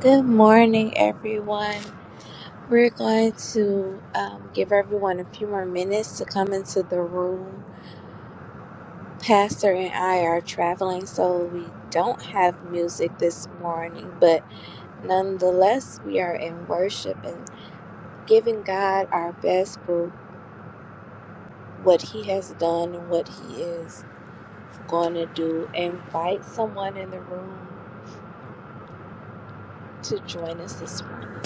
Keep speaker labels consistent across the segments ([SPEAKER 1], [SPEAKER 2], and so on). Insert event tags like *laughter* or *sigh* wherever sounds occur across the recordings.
[SPEAKER 1] Good morning, everyone. We're going to um, give everyone a few more minutes to come into the room. Pastor and I are traveling, so we don't have music this morning, but nonetheless, we are in worship and giving God our best for what He has done and what He is going to do. Invite someone in the room to join us this morning.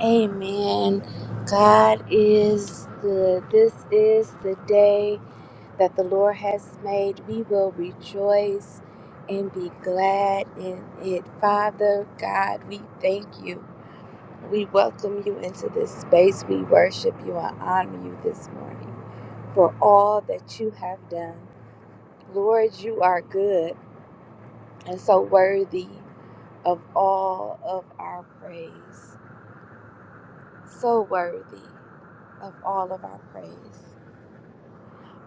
[SPEAKER 1] Amen. God is good. This is the day that the Lord has made. We will rejoice and be glad in it. Father God, we thank you. We welcome you into this space. We worship you and honor you this morning for all that you have done. Lord, you are good and so worthy of all of our praise. so worthy of all of our praise.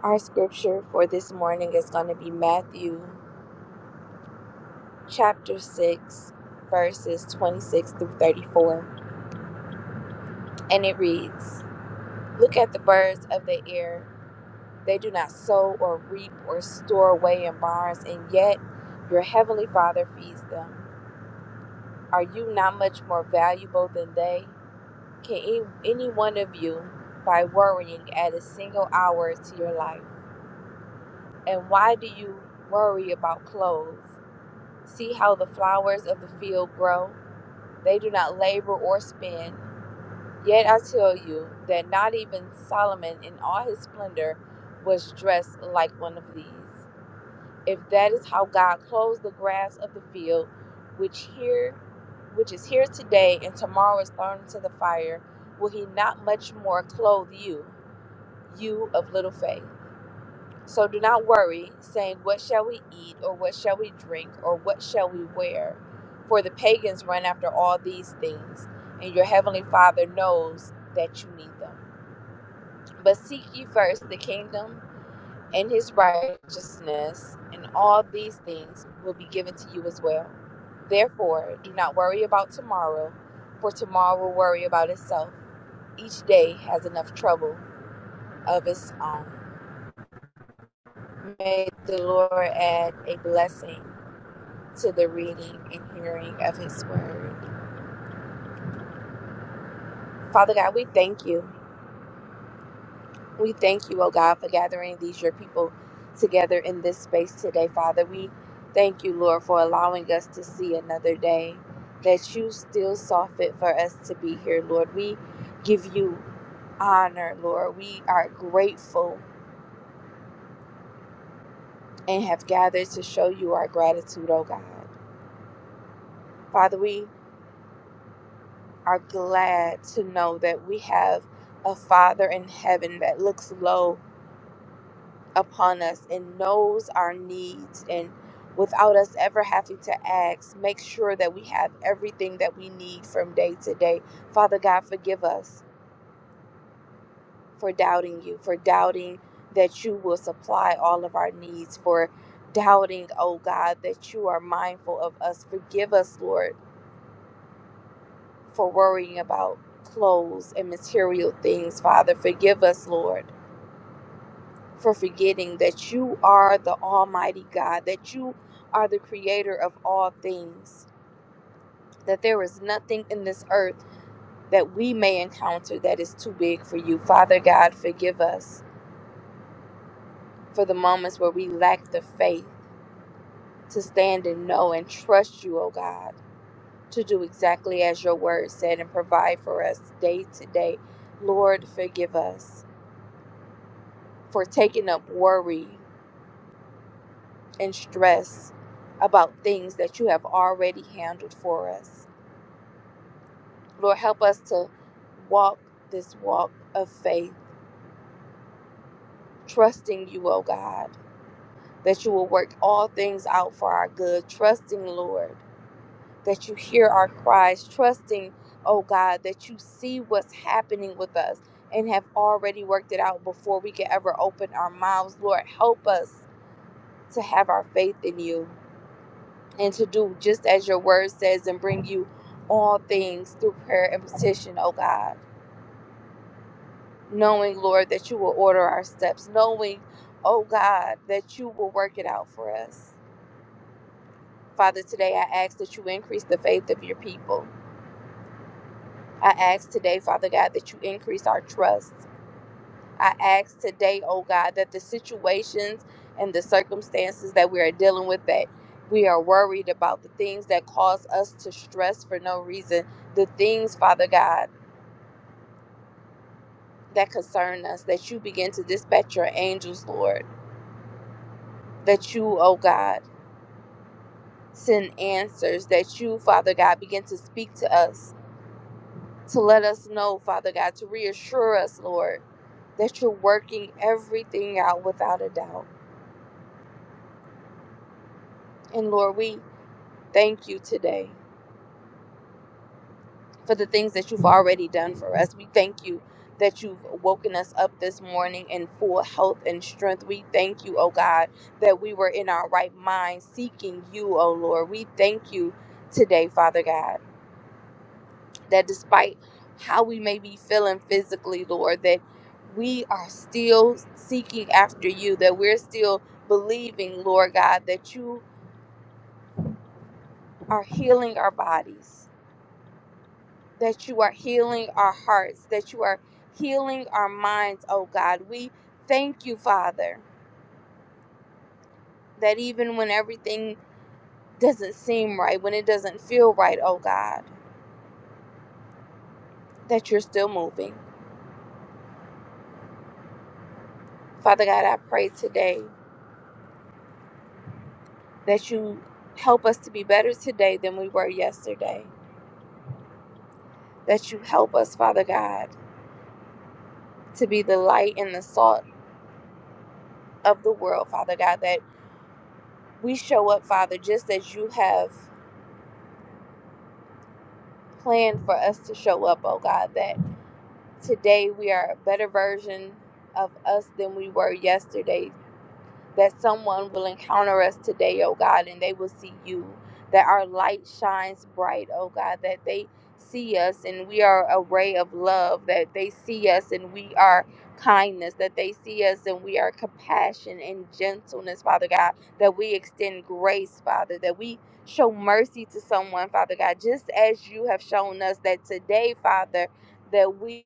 [SPEAKER 1] Our scripture for this morning is going to be Matthew chapter 6, verses 26 through 34. And it reads Look at the birds of the air. They do not sow or reap or store away in barns, and yet your heavenly Father feeds them. Are you not much more valuable than they? Can any, any one of you, by worrying, add a single hour to your life? And why do you worry about clothes? See how the flowers of the field grow? They do not labor or spin. Yet I tell you that not even Solomon in all his splendor was dressed like one of these. If that is how God clothes the grass of the field, which here which is here today and tomorrow is thrown into the fire, will he not much more clothe you, you of little faith? So do not worry, saying, What shall we eat, or what shall we drink, or what shall we wear? For the pagans run after all these things, and your heavenly Father knows that you need them. But seek ye first the kingdom and his righteousness, and all these things will be given to you as well. Therefore, do not worry about tomorrow, for tomorrow will worry about itself. Each day has enough trouble of its own. May the Lord add a blessing to the reading and hearing of his word. Father God, we thank you. We thank you, oh God, for gathering these your people together in this space today, Father. We thank you, Lord, for allowing us to see another day that you still saw fit for us to be here, Lord. We give you honor, Lord. We are grateful and have gathered to show you our gratitude, oh God. Father, we are glad to know that we have a Father in heaven that looks low upon us and knows our needs and without us ever having to ask make sure that we have everything that we need from day to day father god forgive us for doubting you for doubting that you will supply all of our needs for doubting oh god that you are mindful of us forgive us lord for worrying about clothes and material things father forgive us lord for forgetting that you are the Almighty God, that you are the creator of all things, that there is nothing in this earth that we may encounter that is too big for you. Father God, forgive us for the moments where we lack the faith to stand and know and trust you, O God, to do exactly as your word said and provide for us day to day. Lord, forgive us for taking up worry. and stress about things that you have already handled for us. Lord, help us to walk this walk of faith, trusting you, oh God, that you will work all things out for our good, trusting, Lord, that you hear our cries, trusting, oh God, that you see what's happening with us and have already worked it out before we can ever open our mouths. Lord, help us to have our faith in you. and to do just as your word says and bring you all things through prayer and petition, oh God. Knowing, Lord, that you will order our steps, knowing, oh God, that you will work it out for us. Father, today I ask that you increase the faith of your people. I ask today, Father God, that you increase our trust. I ask today, oh God, that the situations and the circumstances that we are dealing with, that we are worried about, the things that cause us to stress for no reason, the things, Father God, that concern us, that you begin to dispatch your angels, Lord, that you, oh God, send answers, that you, Father God, begin to speak to us, to let us know, Father God, to reassure us, Lord, that you're working everything out without a doubt. And Lord, we thank you today. for the things that you've already done for us. We thank you that you've woken us up this morning in full health and strength. We thank you, oh God, that we were in our right mind seeking you, oh Lord. We thank you today, Father God, that despite how we may be feeling physically, Lord, that we are still seeking after you, that we're still believing, Lord God, that you are healing our bodies that you are healing our hearts, that you are healing our minds, oh God. We thank you, Father, that even when everything doesn't seem right, when it doesn't feel right, oh God, that you're still moving. Father God, I pray today that you help us to be better today than we were yesterday, that you help us, Father God, to be the light and the salt of the world, Father God, that we show up, Father, just as you have planned for us to show up, oh God, that Today we are a better version of us than we were yesterday. That someone will encounter us today, oh God, and they will see you. That our light shines bright, oh God, that they see us and we are a ray of love, that they see us and we are kindness, that they see us and we are compassion and gentleness, Father God, that we extend grace, Father, that we show mercy to someone, Father God, just as you have shown us that today, Father, that we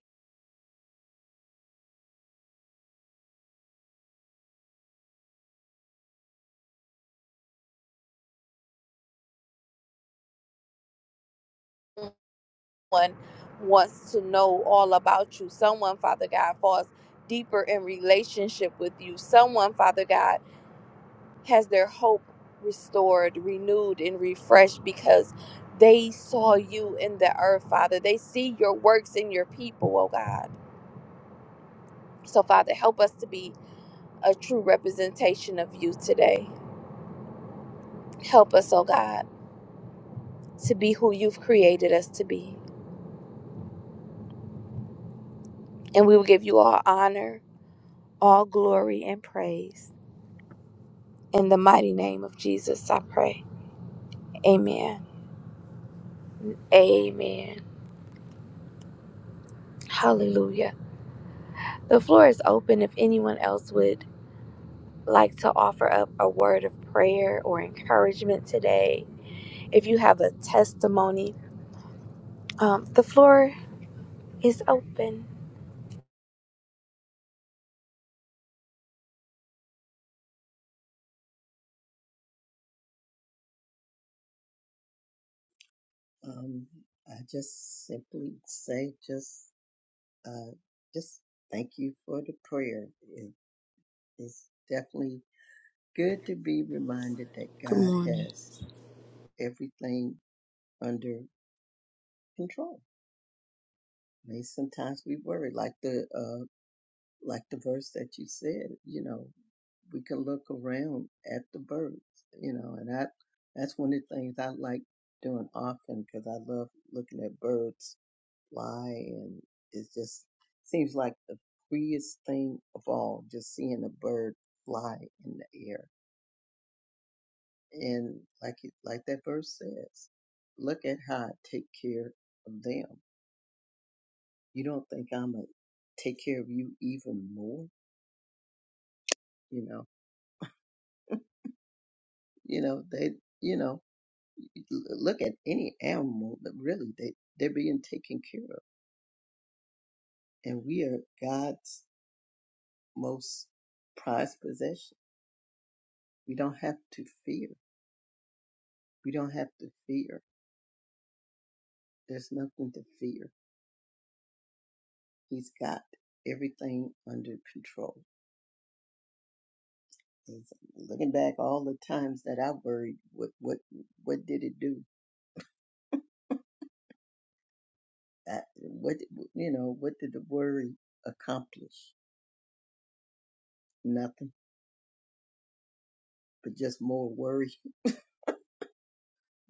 [SPEAKER 1] someone wants to know all about you. Someone, Father God, falls deeper in relationship with you. Someone, Father God, has their hope restored, renewed, and refreshed because they saw you in the earth, Father. They see your works in your people, oh God. So, Father, help us to be a true representation of you today. Help us, oh God, to be who you've created us to be. And we will give you all honor, all glory, and praise. In the mighty name of Jesus, I pray. Amen. Amen. Hallelujah. The floor is open if anyone else would like to offer up a word of prayer or encouragement today. If you have a testimony, um, the floor is open.
[SPEAKER 2] Um, I just simply say, just, uh, just thank you for the prayer. It, it's definitely good to be reminded that
[SPEAKER 3] Good
[SPEAKER 2] God
[SPEAKER 3] morning.
[SPEAKER 2] has everything under control. I mean, sometimes we worry, like the, uh, like the verse that you said, you know, we can look around at the birds, you know, and I, that's one of the things I like doing often because I love looking at birds fly and it just seems like the freest thing of all just seeing a bird fly in the air and like it, like that verse says look at how i take care of them you don't think i'm gonna take care of you even more you know you know they you know l- look at any animal that really they they're being taken care of and we are god's most prized possession we don't have to fear We don't have to fear. There's nothing to fear. He's got everything under control. And so looking back, all the times that I worried, what what what did it do? I, what you know? What did the worry accomplish? Nothing, but just more worry. *laughs*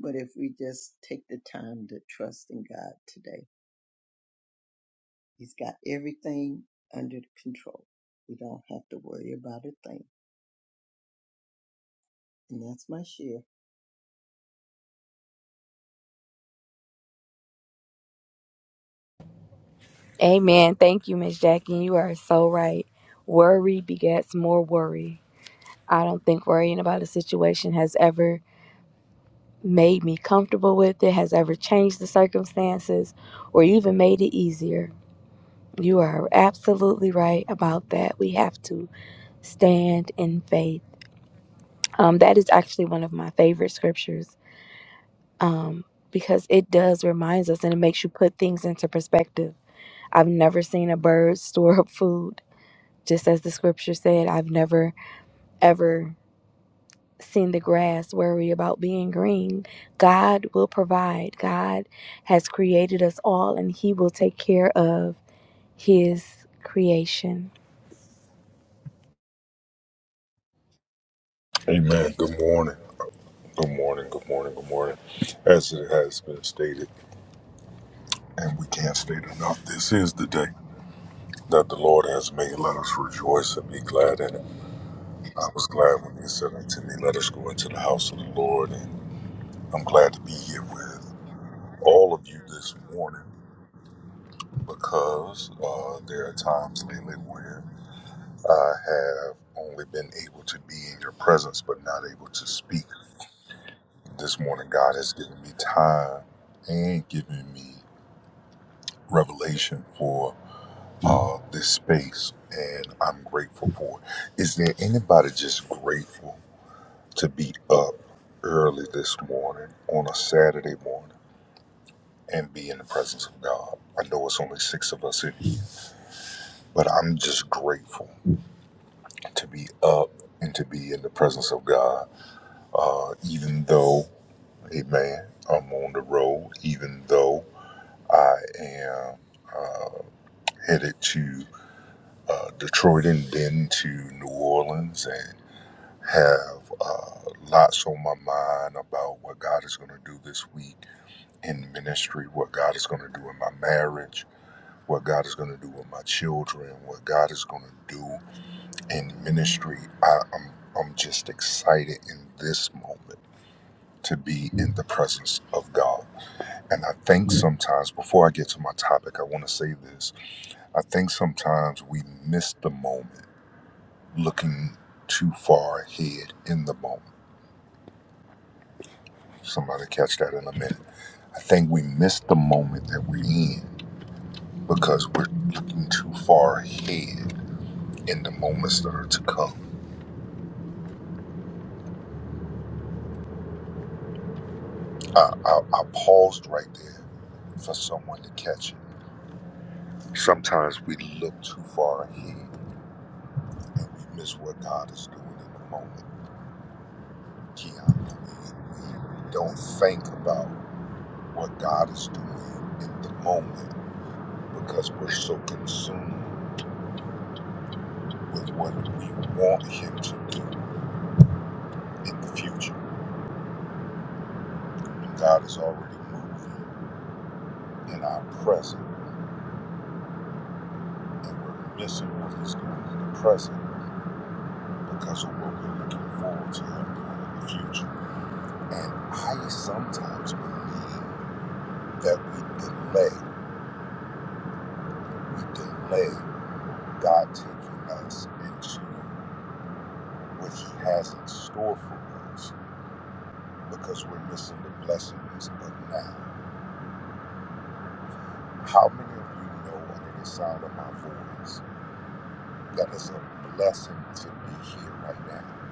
[SPEAKER 2] But if we just take the time to trust in God today, He's got everything under control. We don't have to worry about a thing. And that's my share.
[SPEAKER 1] Amen. Thank you, Miss Jackie. You are so right. Worry begets more worry. I don't think worrying about a situation has ever made me comfortable with it, has ever changed the circumstances, or even made it easier. You are absolutely right about that. We have to stand in faith. Um, that is actually one of my favorite scriptures um, because it does reminds us and it makes you put things into perspective. I've never seen a bird *laughs* store up food, just as the scripture said. I've never ever seen the grass worry about being green. God will provide. God has created us all, and He will take care of His creation.
[SPEAKER 4] Amen. Good morning. Good morning. Good morning. Good morning. As it has been stated, and we can't state enough, this is the day that the Lord has made. Let us rejoice and be glad in it. I was glad when He said unto me, Let us go into the house of the Lord. And I'm glad to be here with all of you this morning because uh, there are times lately where I have only been able to be in your presence but not able to speak. This morning, God has given me time and given me revelation for uh, this space, and I'm grateful for it. Is there anybody just grateful to be up early this morning on a Saturday morning and be in the presence of God? I know it's only six of us in here, but I'm just grateful to be up and to be in the presence of God, uh, even though, amen, I'm on the road, even though I am. headed to uh, Detroit and then to New Orleans and have uh, lots on my mind about what God is going to do this week in ministry, what God is going to do in my marriage, what God is going to do with my children, what God is going to do in ministry. I, I'm, I'm just excited in this moment to be in the presence of God. And I think sometimes, before I get to my topic, I want to say this. I think sometimes we miss the moment looking too far ahead in the moment. Somebody catch that in a minute. I think we miss the moment that we're in because we're looking too far ahead in the moments that are to come. I, I, I paused right there for someone to catch it. Sometimes we look too far ahead and we miss what God is doing in the moment. Keanu, we, we don't think about what God is doing in the moment because we're so consumed with what we want Him to do in the future. God is already moving in our present, and we're missing what He's doing in the present because of what we're looking forward to Him doing in the future. And I sometimes believe that we delay, we delay God taking us into what He has in store for us because we're missing the blessings of now. How many of you know under the sound of my voice? That is a blessing to be here right now.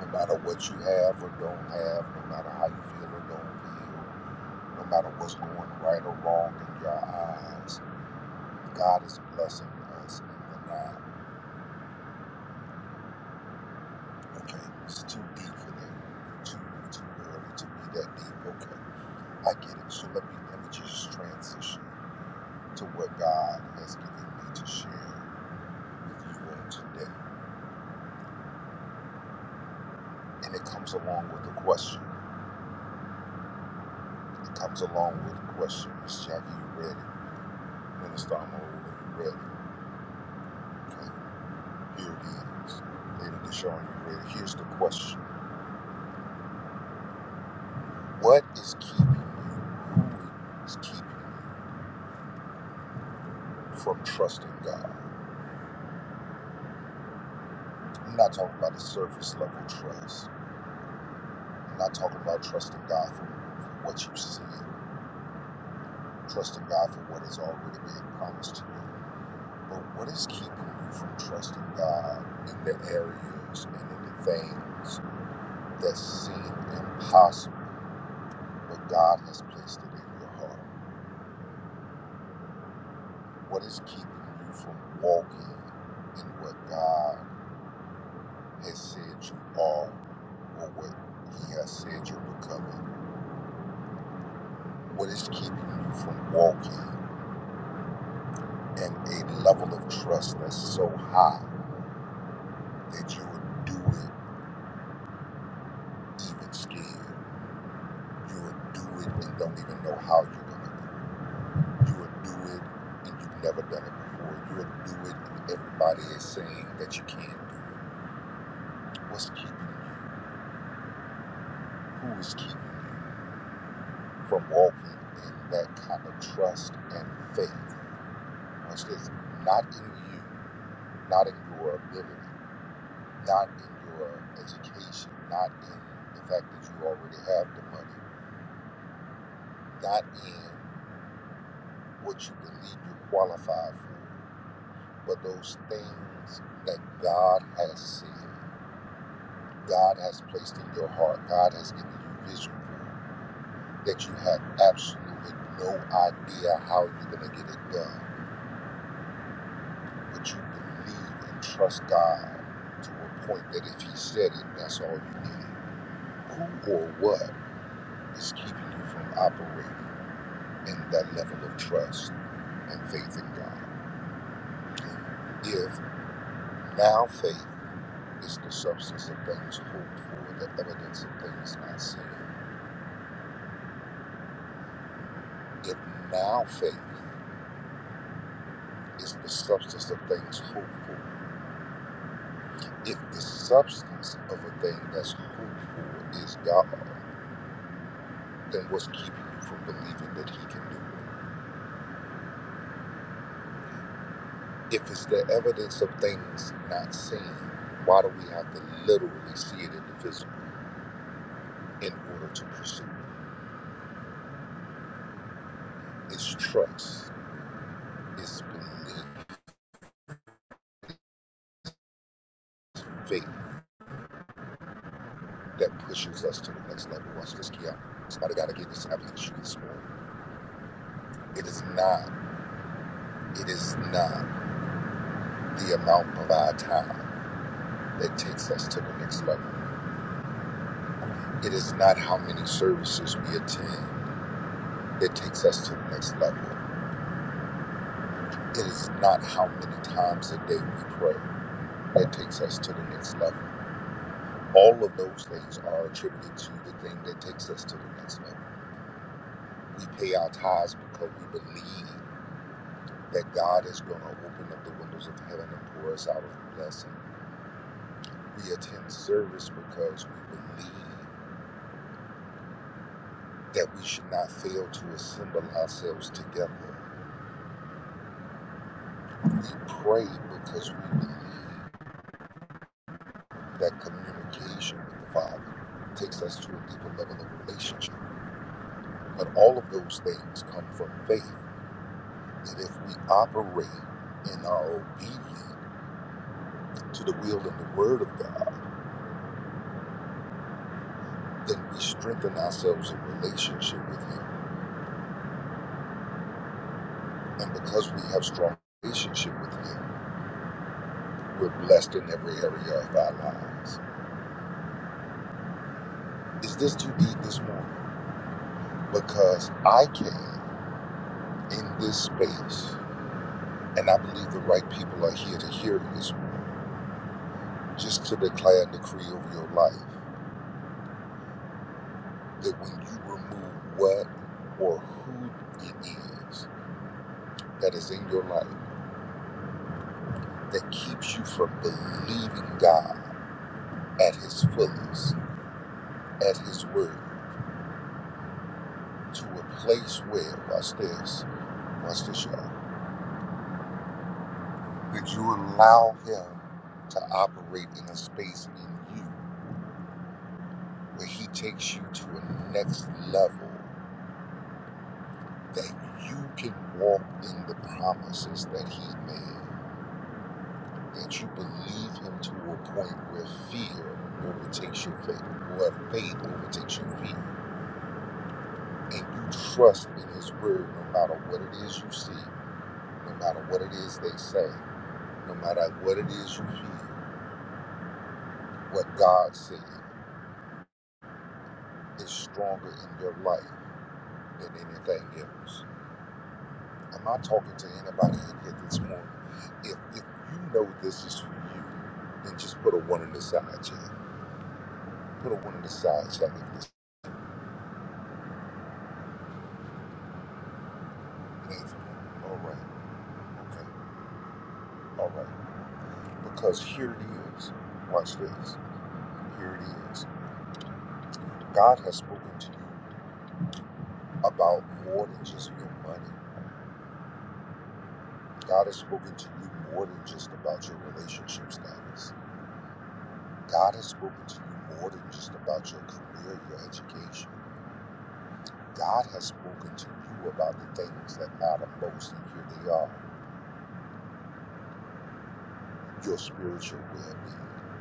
[SPEAKER 4] No matter what you have or don't have, no matter how you feel or don't feel, no matter what's going right or wrong in your eyes, God is blessing us in the now. Okay, it's too deep for that. Too too early to be that deep. Okay, I get it. So let me let me just transition to what God has given me to share with you on today, and it comes along with a question. It comes along with a question. Miss Jackie, you read it. Minister Amoru, you read it. Okay. Here it is. Lady Deshawn, you read it. Here's the question. What is keeping you? Who is keeping you from trusting God? I'm not talking about the surface level trust. I'm not talking about trusting God for, for what you see, trusting God for what has already been promised to you. But what is keeping you from trusting God in the areas and in the things? that seem impossible, but God has placed it in your heart? What is keeping you from walking in what God has said you are or what He has said you're becoming? What is keeping you from walking in a level of trust that's so high that you would do it even scared? You would do it and don't even know how you're going to do it? You will do it and you've never done it before. You will do it and everybody is saying that you can't do it. What's keeping you? Who is keeping you from walking in that kind of trust and faith? Which is not in you, not in your ability, not in your education, not in the fact that you already have the money, not in what you believe you're qualified for, but those things that God has said. God has placed in your heart. God has given you vision that you have absolutely no idea how you're going to get it done. But you believe and trust God to a point that if He said it, that's all you need. Who or what is keeping you from operating in that level of trust and faith in God? And If now faith is the substance of things hoped for, the evidence of things not seen, if now faith is the substance of things hoped for. If the substance of a thing that's hoped for is God, then what's keeping you from believing that He can do it? If it's the evidence of things not seen, why do we have to literally see it in the physical in order to pursue it? It's trust, it's belief, faith that pushes us to the next level. Watch this, Keanu. Somebody got to get this application this morning. It is not, it is not the amount of our time that takes us to the next level. It is not how many services we attend that takes us to the next level. It is not how many times a day we pray that takes us to the next level. All of those things are attributed to the thing that takes us to the next level. We pay our tithes because we believe that God is going to open up the windows of heaven and pour us out with blessing. We attend service because we believe that we should not fail to assemble ourselves together We pray because we believe that communication with the Father takes us to a deeper level of relationship. But all of those things come from faith that if we operate in our obedience to the will and the word of God, then we strengthen ourselves in relationship with Him. And because we have strong relationship with Him, we're blessed in every area of our lives. Is this too deep this morning? Because I came in this space And I believe the right people are here to hear this, just to declare and decree over your life that when you remove what or who it is that is in your life that keeps you from believing God at His fullest, at His word, to a place where, watch this, watch this, y'all, that you allow Him to operate in a space in you where He takes you to a next level that you can walk in the promises that He made, that you believe Him to a point where fear overtakes your faith, where faith overtakes your fear, and you trust in His word no matter what it is you see, no matter what it is they say, no matter what it is you feel, what God said is stronger in your life than anything else. I'm not talking to anybody in here this morning. If, if you know this is for you, then just put a one on the side, Chad. Put a one on the side, Chad, if this ain't for me. All right, okay, all right. Because here it is. Watch this. Here it is. God has spoken to you about more than just your money. God has spoken to you more than just about your relationship status. God has spoken to you more than just about your career, your education. God has spoken to you about the things that matter most, and here they are your spiritual well being.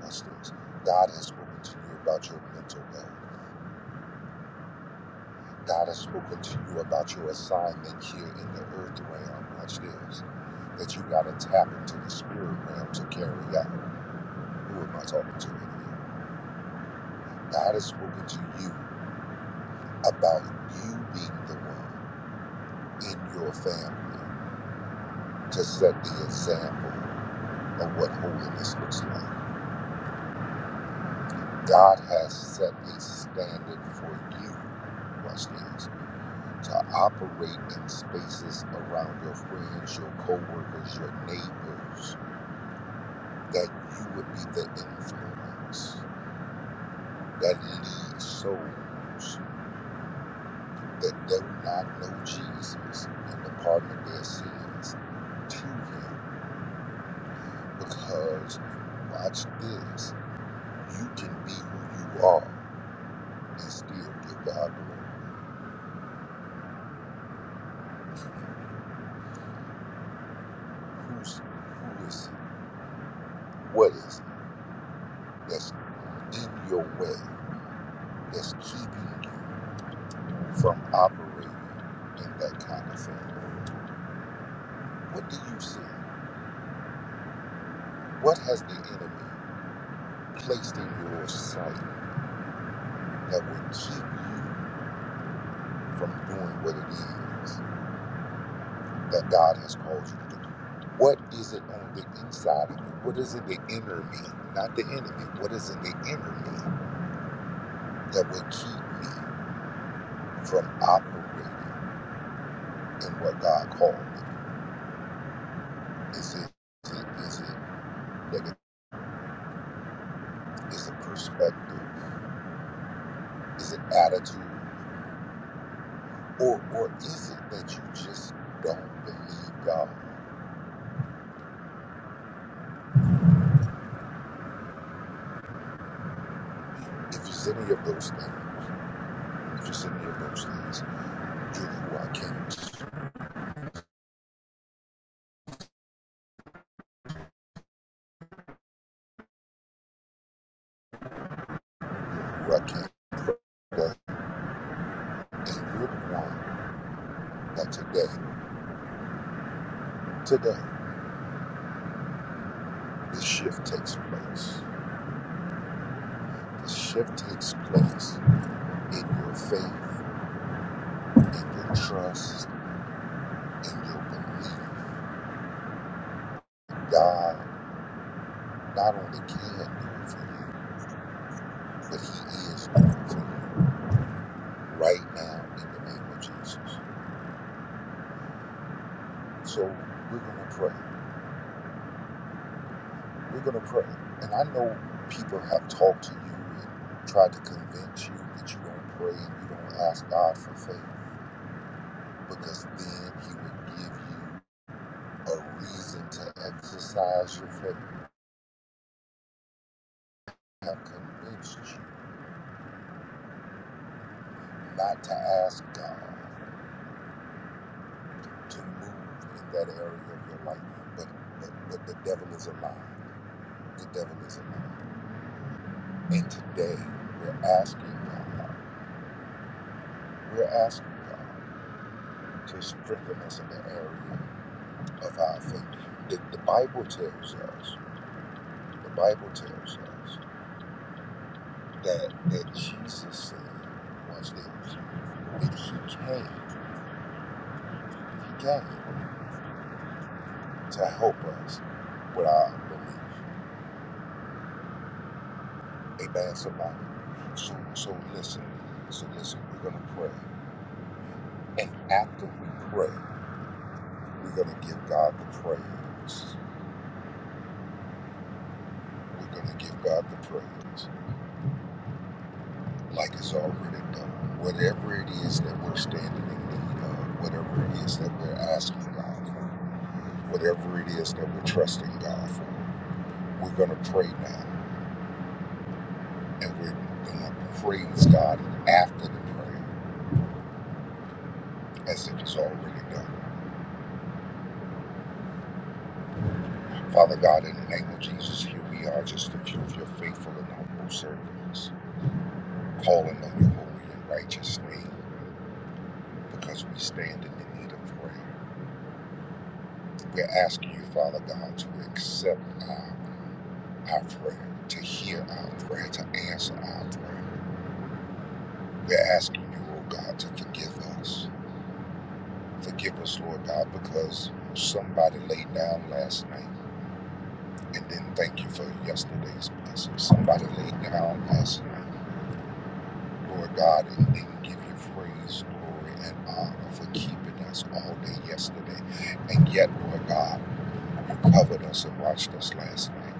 [SPEAKER 4] That's this. God has spoken to you about your mental health. God has spoken to you about your assignment here in the earth realm. Watch this. That you got to tap into the spirit realm to carry out. Who am I talking to in here? God has spoken to you about you being the one in your family to set the example of what holiness looks like. God has set a standard for you, watch this, to operate in spaces around your friends, your coworkers, your neighbors, that you would be the influence that leads souls that do not know Jesus and the pardon of their sins to him. Because, watch this, you can be who you are and still give God glory. Who's, who is he? What is that's in your way that's keeping you from operating in that kind of thing? What do you see? What has the enemy placed in your sight that will keep you from doing what it is that God has called you to do? What is it on the inside of you? What is in the inner me? Not the enemy. What is in the inner me that will keep me from operating in what God called me? Is it, is it, is it that the Is it perspective? Is it attitude? Or or is it that you just don't believe God? If you said any of those things, if you said any of those things, you're who I came to, who I came to, and you're the one that today, today, this shift takes place. This shift takes place in your faith, in your trust, in your belief. God not only can do it for you, but He is doing it for you. right now in the name of Jesus. So we're going to pray. We're going to pray. And I know people have talked to you and tried to convince you that you don't pray and you don't ask God for faith because then He would give you a reason to exercise your faith. I have convinced you not to ask God to move in that area of your life. But, but, but the devil is a lie. The devil is a lie. And today we're asking God We're asking God to strengthen us in the area of our faith. The, the Bible tells us, the Bible tells us that, that Jesus said, once this, that he came, he came to help us with our belief. Amen, somebody. So, so listen, so listen, we're going to pray. And after we pray, we're going to give God the praise. We're going to give God the praise. like it's already done. Whatever it is that we're standing in need of, whatever it is that we're asking God for, whatever it is that we're trusting God for, we're going to pray now and we're going to praise God after the prayer as if it's already done. Father God, in the name of Jesus, here we are, just a few of your faithful and humble servants, calling on your holy and righteous name because we stand in the need of prayer. We're asking you, Father God, to accept our our prayer, to hear our prayer, to answer our prayer. We're asking you, oh God, to forgive us. Forgive us, Lord God, because somebody laid down last night and didn't thank you for yesterday's blessing. Somebody laid down last night, Lord God, and didn't give you praise, glory, and honor for keeping us all day yesterday. And yet, Lord God, you covered us and watched us last night.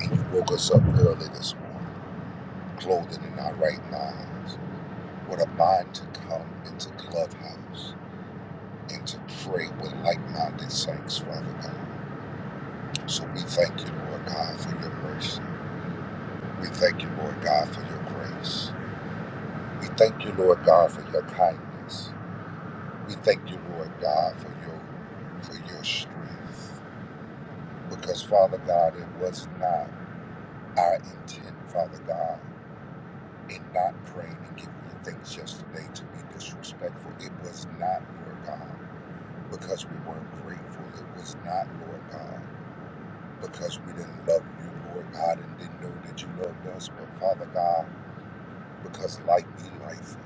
[SPEAKER 4] And you woke us up early this morning, clothing in our right minds. What a mind to come into Clubhouse and to pray with like minded saints, Father God. So we thank you, Lord God, for your mercy. We thank you, Lord God, for your grace. We thank you, Lord God, for your kindness. We thank you, Lord God, for your for your strength. Because Father God, it was not our intent, Father God, in not praying and giving you things yesterday to be disrespectful. It was not, Lord God. because we weren't grateful. It was not, Lord God, because we didn't love you, Lord God, and didn't know that you loved us. But Father God, because life be life.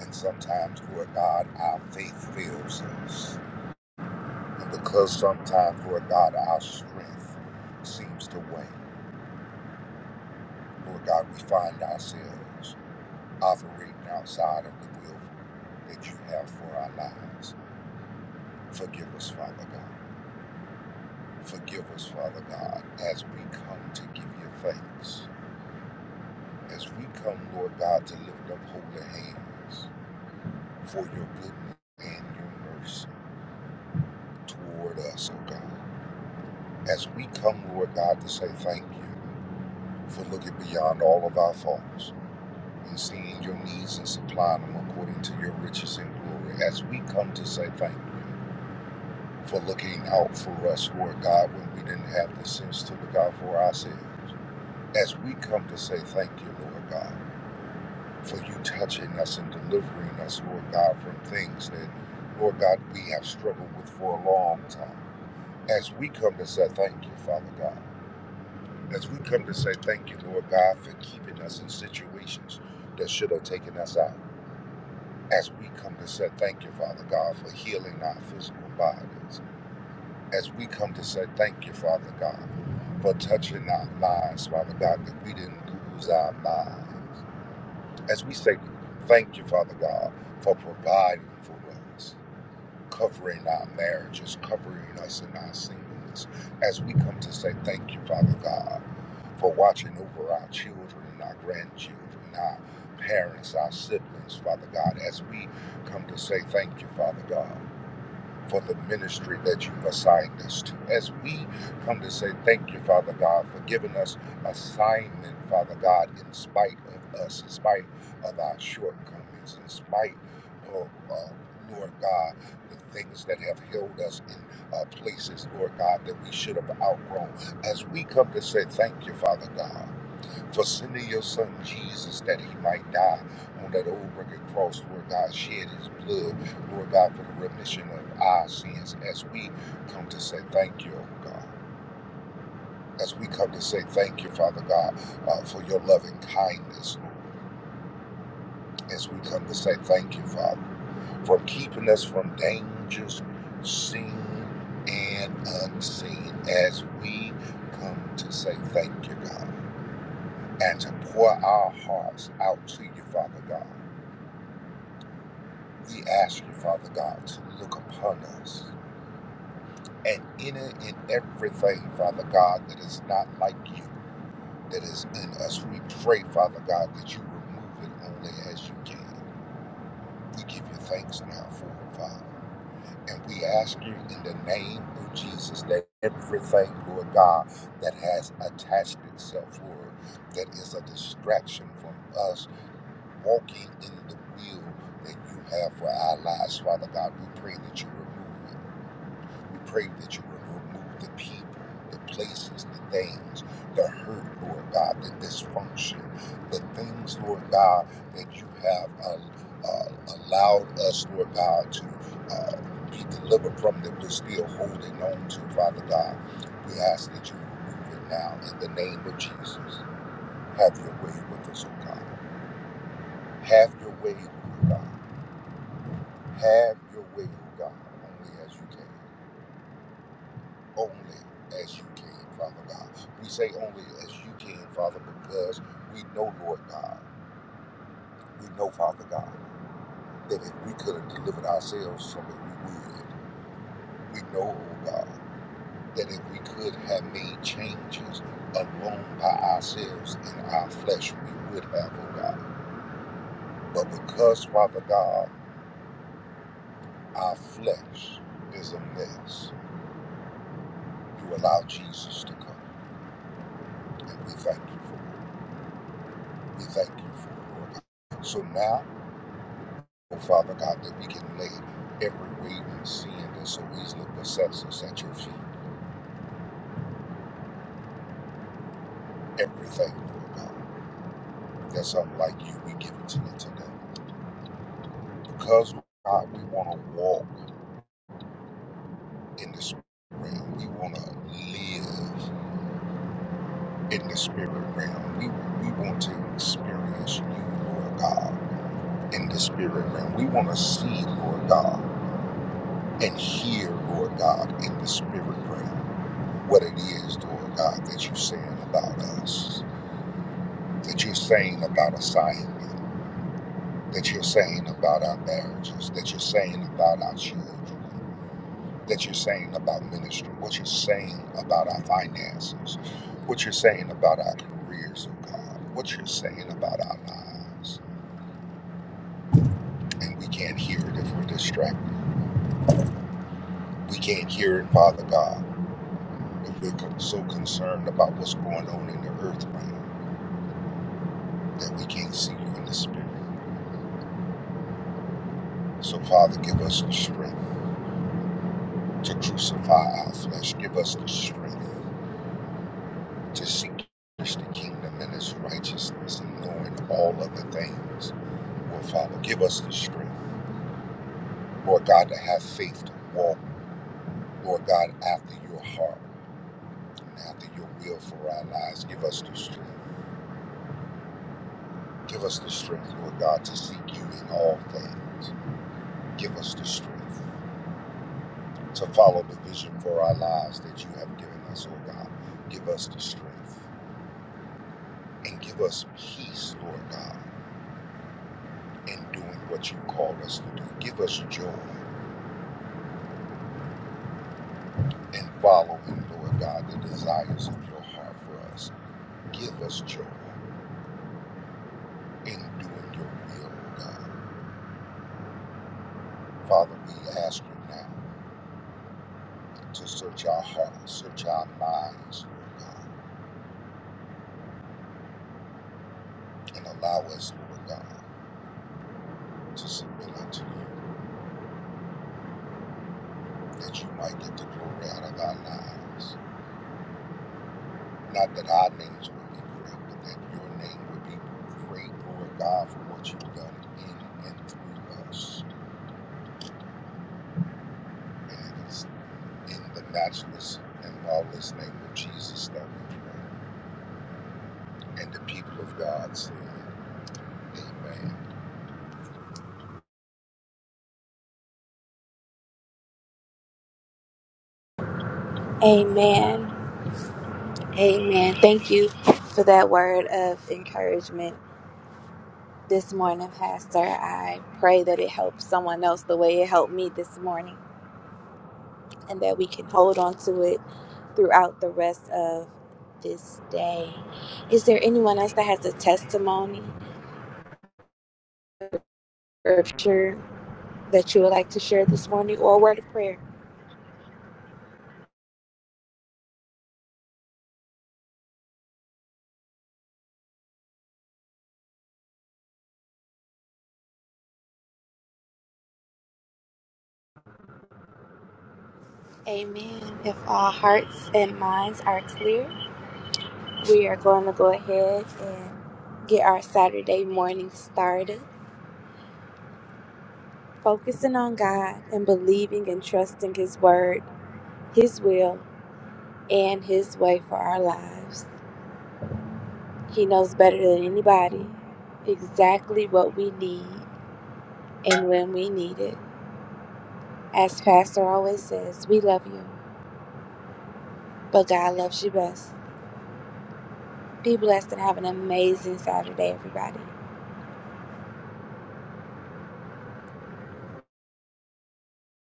[SPEAKER 4] And sometimes, Lord God, our faith fails us. And because sometimes, Lord God, our strength seems to wane, Lord God, we find ourselves operating outside of the will that you have for our lives. Forgive us, Father God. Forgive us, Father God, as we come to give you thanks. As we come, Lord God, to lift up holy hands for your goodness and your mercy toward us, O God. As we come, Lord God, to say thank you for looking beyond all of our faults and seeing your needs and supplying them according to your riches and glory. As we come to say thank you for looking out for us, Lord God, when we didn't have the sense to look out for ourselves. as we come to say thank you, Lord God, for you touching us and delivering us, Lord God, from things that, Lord God, we have struggled with for a long time. As we come to say thank you, Father God, as we come to say thank you, Lord God, for keeping us in situations that should have taken us out. As we come to say thank you, Father God, for healing our physical bodies. As we come to say thank you, Father God, for touching our minds, Father God, that we didn't lose our minds As we say, thank you, Father God, for providing for us, covering our marriages, covering us in our singleness. As we come to say thank you, Father God, for watching over our children and our grandchildren, our parents, our siblings, Father God. As we come to say thank you, Father God for the ministry that you've assigned us to. As we come to say thank you, Father God, for giving us assignment, Father God, in spite of us, in spite of our shortcomings, in spite of, uh, Lord God, the things that have held us in uh, places, Lord God, that we should have outgrown. As we come to say thank you, Father God for sending your son Jesus that he might die on that old rugged cross, Lord God, shed his blood, Lord God, for the remission of our sins as we come to say thank you, oh God. As we come to say thank you, Father God, uh, for your loving kindness, Lord. As we come to say thank you, Father, for keeping us from dangers seen and unseen. As we come to say thank you, God, and to pour our hearts out to you, Father God We ask you, Father God, to look upon us and enter in everything, Father God, that is not like you, that is in us. We pray, Father God, that you remove it only as you can. We give you thanks now for it, Father. And we ask you in the name of Jesus that everything, Lord God, that has attached itself, Lord, that is a distraction from us walking in the will that you have for our lives, Father God, we pray that you remove it We pray that you would remove the people, the places, the things, the hurt, Lord God, the dysfunction, the things, Lord God, that you have uh, uh, allowed us, Lord God, to uh, be delivered from that we're still holding on to, Father God. We ask that you remove it now in the name of Jesus. Have your way with us, oh God. Have your way, oh God. Have your way, oh God, only as you can. only as you can, Father God. We say only as you can, Father, because we know, Lord God, we know, Father God, that if we could have delivered ourselves from it, we would. We know, oh God, that if we could have made changes alone by ourselves in our flesh, we would have, oh God. But because, Father God, our flesh is a mess, you allow Jesus to come. And we thank you for it. We thank you for it, Lord. God. So now, Oh, Father God, that we can lay every weight and sin that so easily besets us at your feet. Everything, Lord God, that's unlike you, we give it to you today. Because, God, we want to walk in the spirit realm. We want to live in the spirit realm. We, we want to experience you, Lord God, in the spirit realm. We want to see, Lord God, and hear, Lord God, in the spirit realm, what it is, Lord God, that you're saying about us. that you're saying about assignment, that you're saying about our marriages, that you're saying about our children, that you're saying about ministry, what you're saying about our finances, what you're saying about our careers, oh God, what you're saying about our lives. And we can't hear it if we're distracted. We can't hear it, Father God, if we're con- so concerned about what's going on in the earth realm that we can't see you in the spirit. So, Father, give us the strength to crucify our flesh. Give us the strength to seek first the kingdom and his righteousness and knowing all other things will follow. Give us the strength, Lord God, to have faith to walk, Lord God, after your heart and after your will for our lives. Give us the strength. Give us the strength, Lord God, to seek you in all things. Give us the strength to follow the vision for our lives that you have given us, oh God. Give us the strength and give us peace, Lord God, in doing what you called us to do. Give us joy and following, Lord God, the desires of your heart for us. Give us joy in doing your will, O God. Father, we ask you now to search our hearts, search our minds, Lord God, and allow us, Lord God, to submit unto you that you might get the glory out of our lives. Not that our names would be great, but that your name would be great, Lord God, for what you've done in and through us. And it's in the matchless and lawless name of Jesus that we pray. And the people of God said, Amen.
[SPEAKER 1] Amen. Amen. Thank you for that word of encouragement this morning, Pastor. I pray that it helps someone else the way it helped me this morning and that we can hold on to it throughout the rest of this day. Is there anyone else that has a testimony or scripture that you would like to share this morning or a word of prayer? Amen. If our hearts and minds are clear, we are going to go ahead and get our Saturday morning started, focusing on God and believing and trusting His Word, His will, and His way for our lives. He knows better than anybody exactly what we need and when we need it. As Pastor always says, we love you, but God loves you best. Be blessed and have an amazing Saturday, everybody.